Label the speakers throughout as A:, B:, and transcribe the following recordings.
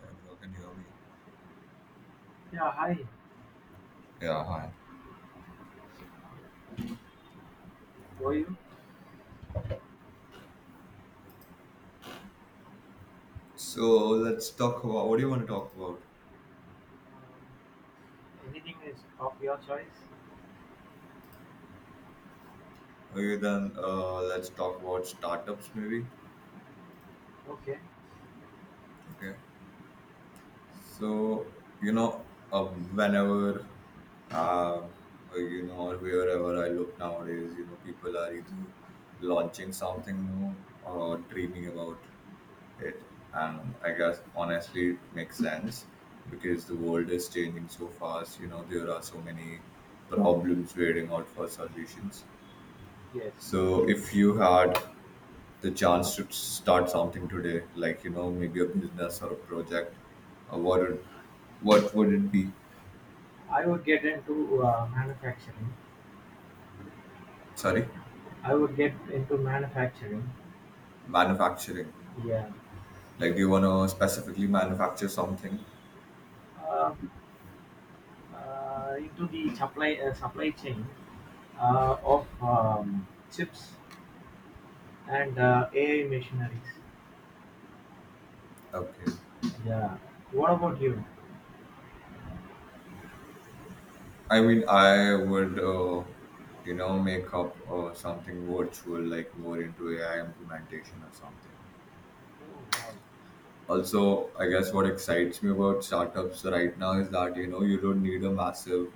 A: Hi, can you hear me?
B: Yeah, hi.
A: Yeah, hi.
B: How are you?
A: So let's talk about, what do you want to talk about?
B: Um, Anything is of your choice?
A: Okay, then let's talk about startups maybe.
B: Okay.
A: Okay. So whenever, uh, or, you know, or wherever I look nowadays, you know, people are either launching something new or dreaming about it, and I guess honestly it makes sense because the world is changing so fast. You know, there are so many problems waiting out for solutions.
B: Yes.
A: So, if you had the chance to start something today, like, you know, maybe a business or a project, uh, what would what would it be?
B: I would get into manufacturing.
A: Sorry,
B: I would get into manufacturing.
A: manufacturing.
B: Yeah.
A: Like, do you want to specifically manufacture something?
B: Uh, into the supply chain of chips and AI machineries.
A: Okay.
B: Yeah. What about you?
A: I mean, I would, you know, make up something virtual, like more into AI implementation or something.
B: Oh, wow.
A: Also, I guess what excites me about startups right now is that, you know, you don't need a massive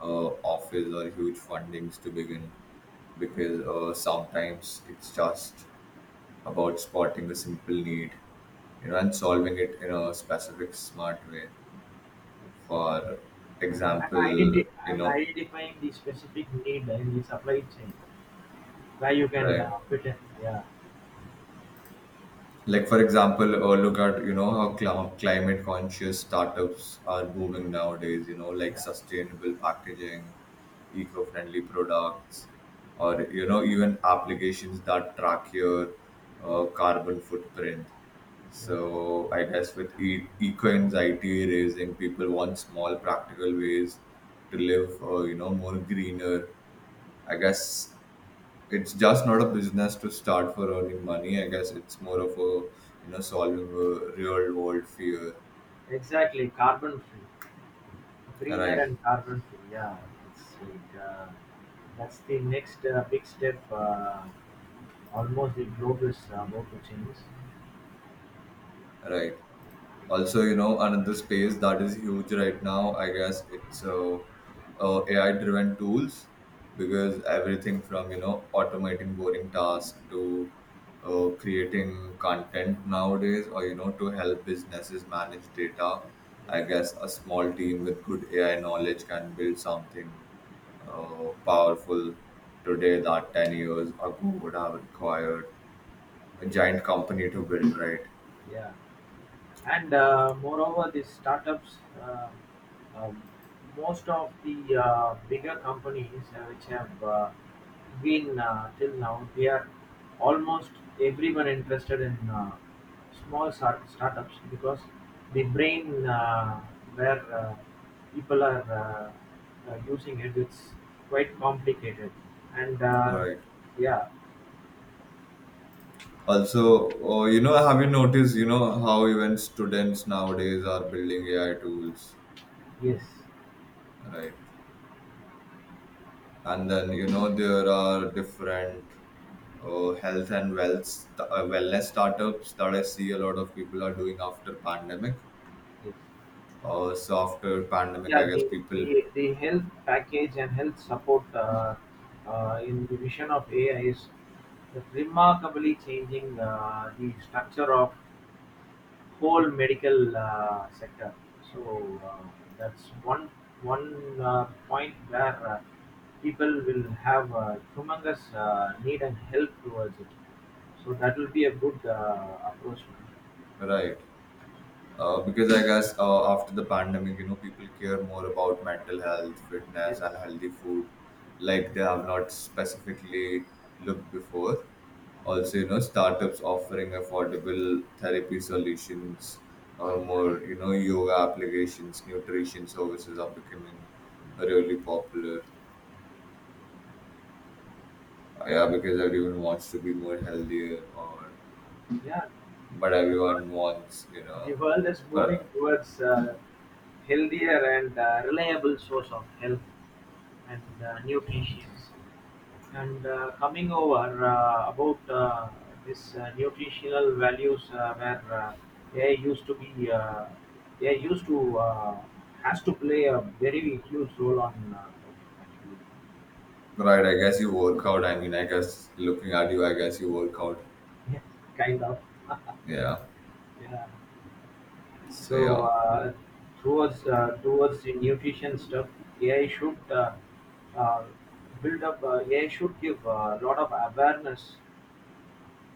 A: uh, office or huge fundings to begin, because
B: Okay.
A: sometimes it's just about spotting a simple need, you know, and
B: Yes.
A: solving it in a specific smart way.
B: Yes.
A: For
B: And
A: example,
B: identi-
A: you
B: and
A: know,
B: identifying the specific need in the supply chain where you can
A: right.
B: fit in. Yeah.
A: Like for example, look at, you know, how climate conscious startups are
B: Yes.
A: booming nowadays. You know, like
B: Yeah.
A: sustainable packaging, eco-friendly products, or, you know, even applications that track your carbon footprint.
B: Yes.
A: So I guess with eco anxiety raising, people want small practical ways to live, you know, more greener. I guess it's just not a business to start for earning money. I guess it's more of a, you know, solving a real world fear.
B: Exactly. Carbon free, greener
A: Right,
B: and carbon free. Yeah. It's like that's the next big step. Almost the globe is about to change.
A: right. Also, you know, another space that is huge right now, I guess it's AI driven tools, because everything from, you know, automating boring tasks to creating content nowadays, or, you know, to help businesses manage data.
B: Yeah.
A: I guess a small team with good AI knowledge can build something powerful today that 10 years ago would have required a
B: Yes.
A: giant company to build, right?
B: Yeah. And moreover, these startups um, most of the bigger companies which have been till now, they are almost everyone interested in startups because the brain, where people are using it, it's quite complicated and
A: Right.
B: yeah.
A: Also, oh, you know, have you noticed, you know, how even students nowadays are building AI tools,
B: Yes.
A: right? And then, you know, there are different health and wealth st- wellness startups that I see a lot of people are doing after pandemic.
B: Yes.
A: Uh, so after pandemic, I
B: Yeah,
A: guess
B: the
A: people,
B: the the health package and health support in the vision of AI is remarkably changing the structure of whole medical sector. So that's one point where people will have a humongous need and help towards it. So that will be a good approach.
A: right? Because I guess after the pandemic, you know, people care more about mental health,
B: Yes,
A: fitness, and healthy food, like they have not specifically looked before. Also,
B: yes,
A: you know, startups offering affordable therapy solutions, or
B: exactly.
A: more, you know, yoga applications, nutrition services are becoming really popular. Yeah, because everyone wants to be more healthier, or but everyone
B: Yeah.
A: wants, you
B: The
A: know,
B: world is moving
A: but
B: towards healthier and reliable source of health and nutrition. And coming over about this nutritional values where AI used to be, uh, AI used to has to play a very huge role on actually,
A: Right, I guess you work out. I mean, I guess looking at you, I guess you work out.
B: kind of.
A: Yeah.
B: Yeah.
A: So
B: So
A: yeah,
B: towards the nutrition stuff, AI should uh, build up. AI should give a lot of awareness.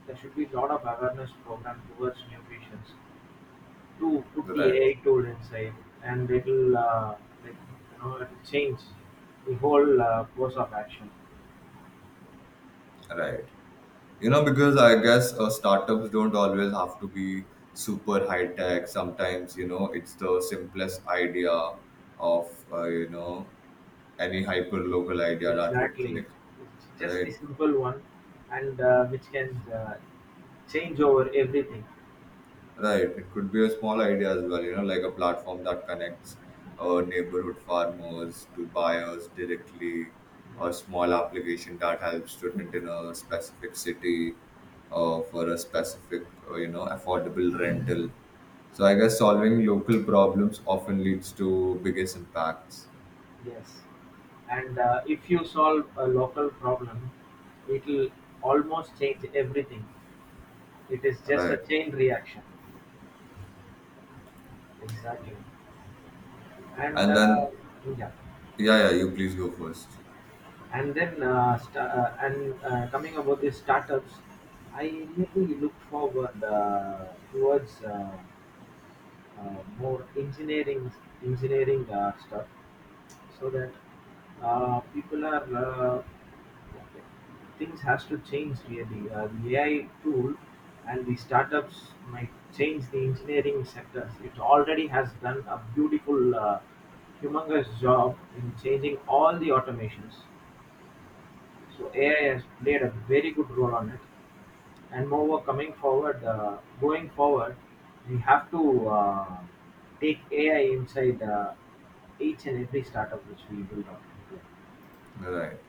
B: There should be a lot of awareness program towards nutrition to put the
A: right,
B: AI tool inside, and it'll like you know it'll change the whole course of action.
A: right. You know, because I guess startups don't always have to be super high tech. Sometimes, you know, it's the simplest idea of, you know, any hyper local idea that would
B: Exactly,
A: click,
B: it's just
A: right?
B: the simple one, and which can change over everything.
A: Right. It could be a small idea as well, you know, like a platform that connects neighborhood farmers to buyers directly,
B: Yeah.
A: or small application that helps student in a specific city for a specific, you know, affordable rental. So I guess solving local problems often leads to biggest impacts.
B: Yes, and if you solve a local problem, it'll almost change everything. It is just a
A: Right.
B: chain reaction. Exactly. And
A: And then,
B: yeah,
A: yeah, yeah, you please go first.
B: and then sta and coming about these startups, I really look forward towards more engineering stuff, so that people are okay, things has to change really. The AI tool and the startups might change the engineering sectors. It already has done a beautiful, humongous job in changing all the automations. So AI has played a very good role on it. And moreover, going forward, we have to take AI inside each and every startup which we build on.
A: Right.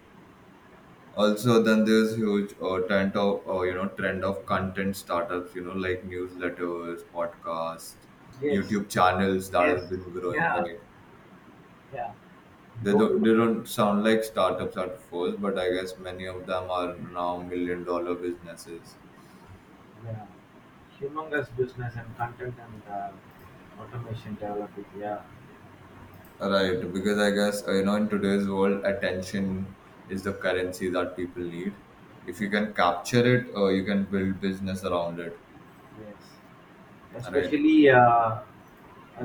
A: Also, then there's huge trend of content startups, you know, like newsletters, podcasts,
B: Yes,
A: YouTube channels that
B: yes,
A: has been growing,
B: yeah,
A: right?
B: yeah. Lo- lo-
A: They don't sound like startups at first, but I guess many of them are now million dollar businesses,
B: yeah, humongous business and content and automation developing. Yeah,
A: right? Because I guess, you know, in today's world attention is the currency that people need. If you
B: that's
A: can capture it, you can build business around it,
B: yes,
A: right?
B: especially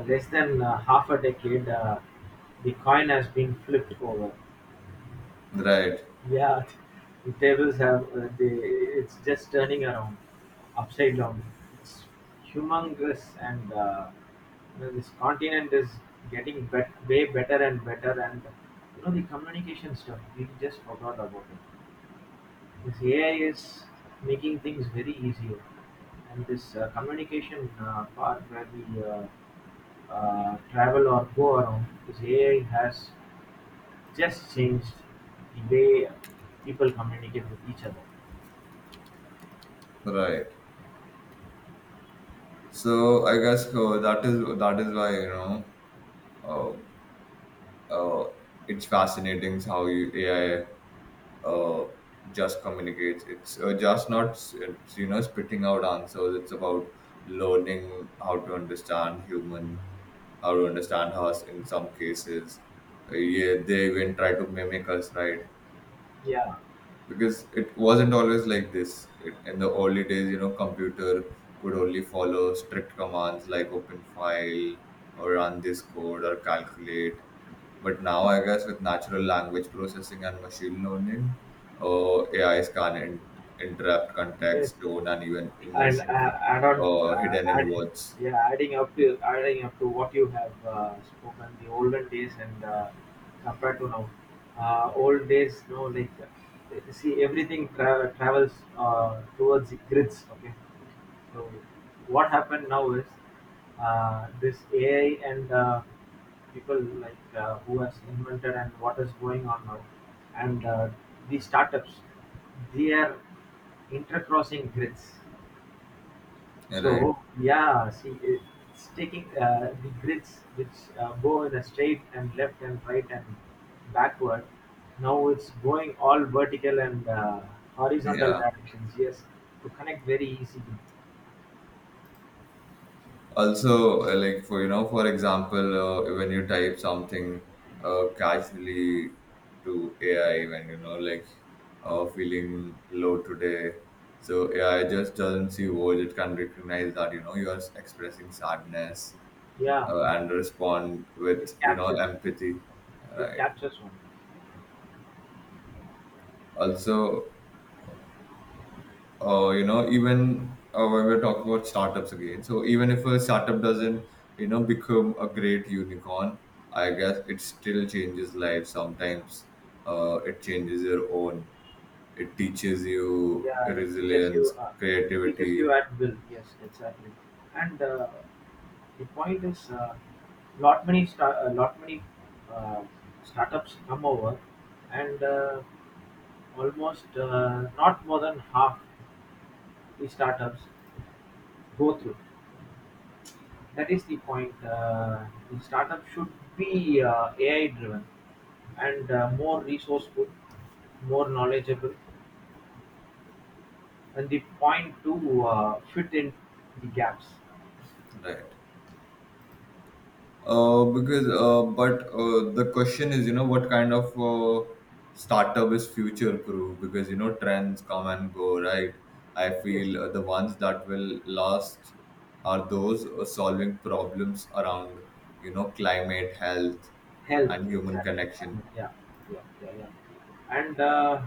B: less than half a decade, the coin has been flipped over.
A: Right,
B: Yeah, the tables have the it's just turning around, upside down. It's humongous, and you know, this continent is getting way better and better. And you know the communication stuff we just forgot about it. This AI is making things very easier, and this communication part where we travel or go around, this AI has just changed the way people communicate with each other.
A: right. So I guess that is why, uh, uh, it's fascinating how you, AI, uh, just communicates. It's, just not s- it's, you know, spitting out answers. It's about learning how to understand human, how to understand us in some cases. Yeah, they even try to mimic us, right?
B: Yeah,
A: Because it wasn't always like this. It, in the early days, you know, computer could only follow strict commands like open file or run this code or calculate. But now, I guess with natural language processing and machine learning, A is can interrupt
B: yes.
A: context, tone, and even
B: And
A: emotion
B: add on,
A: hidden
B: uh, add,
A: in words.
B: yeah, adding up to what you have spoken, the olden days and compared to now, old days, no, like see everything travels towards the grids. Okay. So what happened now is this AI and people like who has invented and what is going on now, and these startups, they are intercrossing grids.
A: Right?
B: So yeah, see, it's taking the grids which go in a straight and left and right and backward. Now it's going all vertical and horizontal
A: Yeah.
B: directions. Yes, to connect very easily.
A: Also, like, for you know, for example, when you type something casually to AI, when, you know, like feeling low today, so AI just doesn't see words, it can recognize that, you know, you are expressing sadness,
B: Yeah.
A: and respond
B: It
A: with, you know,
B: captures.
A: empathy,
B: It
A: right?
B: captures one.
A: Also, you know, even when we're talking about startups again, so even if a startup doesn't, you know, become a great unicorn, I guess it still changes lives. Sometimes it changes your own. It teaches you
B: Yeah, it teaches
A: resilience,
B: you. It teaches
A: creativity,
B: you at will. Yes, exactly. And the point is, lot many uh, startups come over, and almost not more than half the startups go through. That is the point. The startup should be AI driven and more resourceful, more knowledgeable, and the point to fit in the gaps.
A: right? Because but The question is, you know, what kind of startup is future proof? Because, you know, trends come and go, right? I
B: Yes,
A: feel the ones that will last are those solving problems around, you know, climate, health,
B: health
A: and human
B: exactly.
A: connection.
B: Yeah, yeah, yeah, yeah.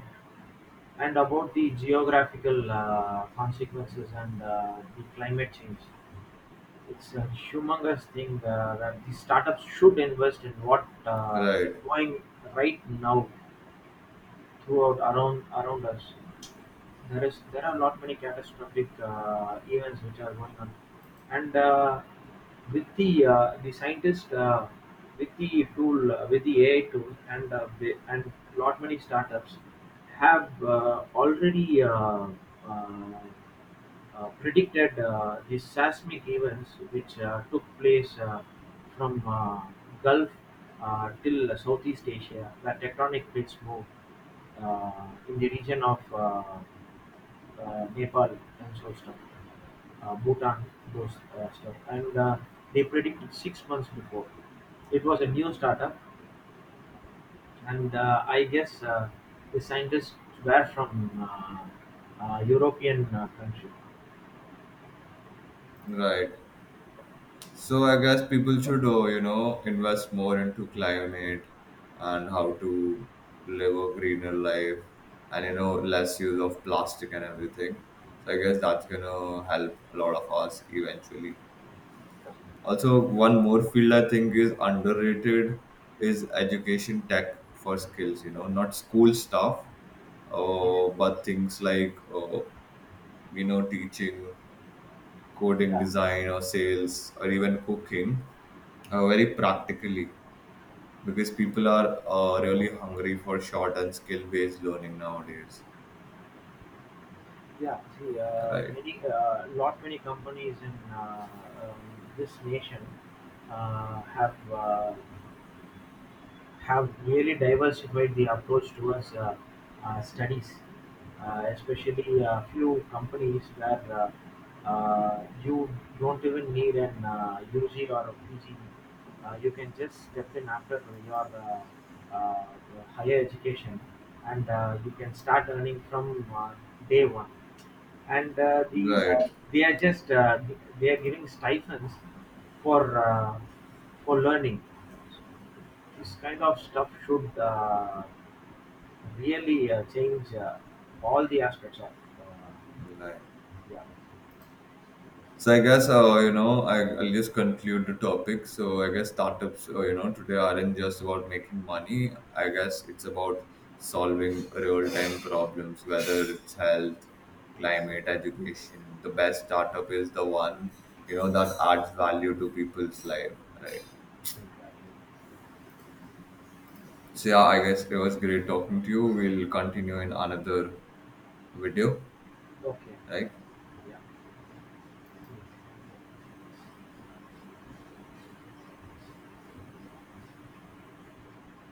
B: And about the geographical consequences and the climate change, it's a humongous thing that the startups should invest in what is
A: Right,
B: going right now throughout around us. There are not many catastrophic events which are going on, and with the scientist with the tool with the AI tool and lot many startups have already uh, predicted the seismic events which took place from Gulf till Southeast Asia, where tectonic plates move in the region of Nepal and so stuff, Bhutan, those stuff, and they predicted 6 months before. It was a new startup, and I guess the scientists were from European country.
A: right. So I guess people should, you know, invest more into climate and how to live a greener life and, you know, less use of plastic and everything. So I guess that's gonna help a lot of us eventually. Also, one more field I think is underrated is education tech for skills, you know, not school stuff,
B: Yeah,
A: but things like, you know, teaching, coding,
B: yeah,
A: design, or sales, or even cooking, very practically, because people are really hungry for short and skill based learning nowadays,
B: yeah. See,
A: right?
B: lot many companies in uh, this nation uh, have uh, have really diversified the approach towards studies, especially a few companies where you don't even need an UG or a PG. You can just step in after your higher education and you can start earning from day one and
A: Right,
B: they are just they are giving stipends for uh, for learning. This kind of stuff should really change all the aspects of uh,
A: right.
B: yeah.
A: So I guess, I'll just conclude the topic. So I guess startups, you know, today aren't just about making money. I guess it's about solving real time problems, whether it's health,
B: Yes.
A: climate, education. The best startup is the one, you know, that adds value to people's life, right?
B: Exactly.
A: So yeah, I guess it was great talking to you. We'll continue in another video,
B: Okay.
A: right?
B: Yeah.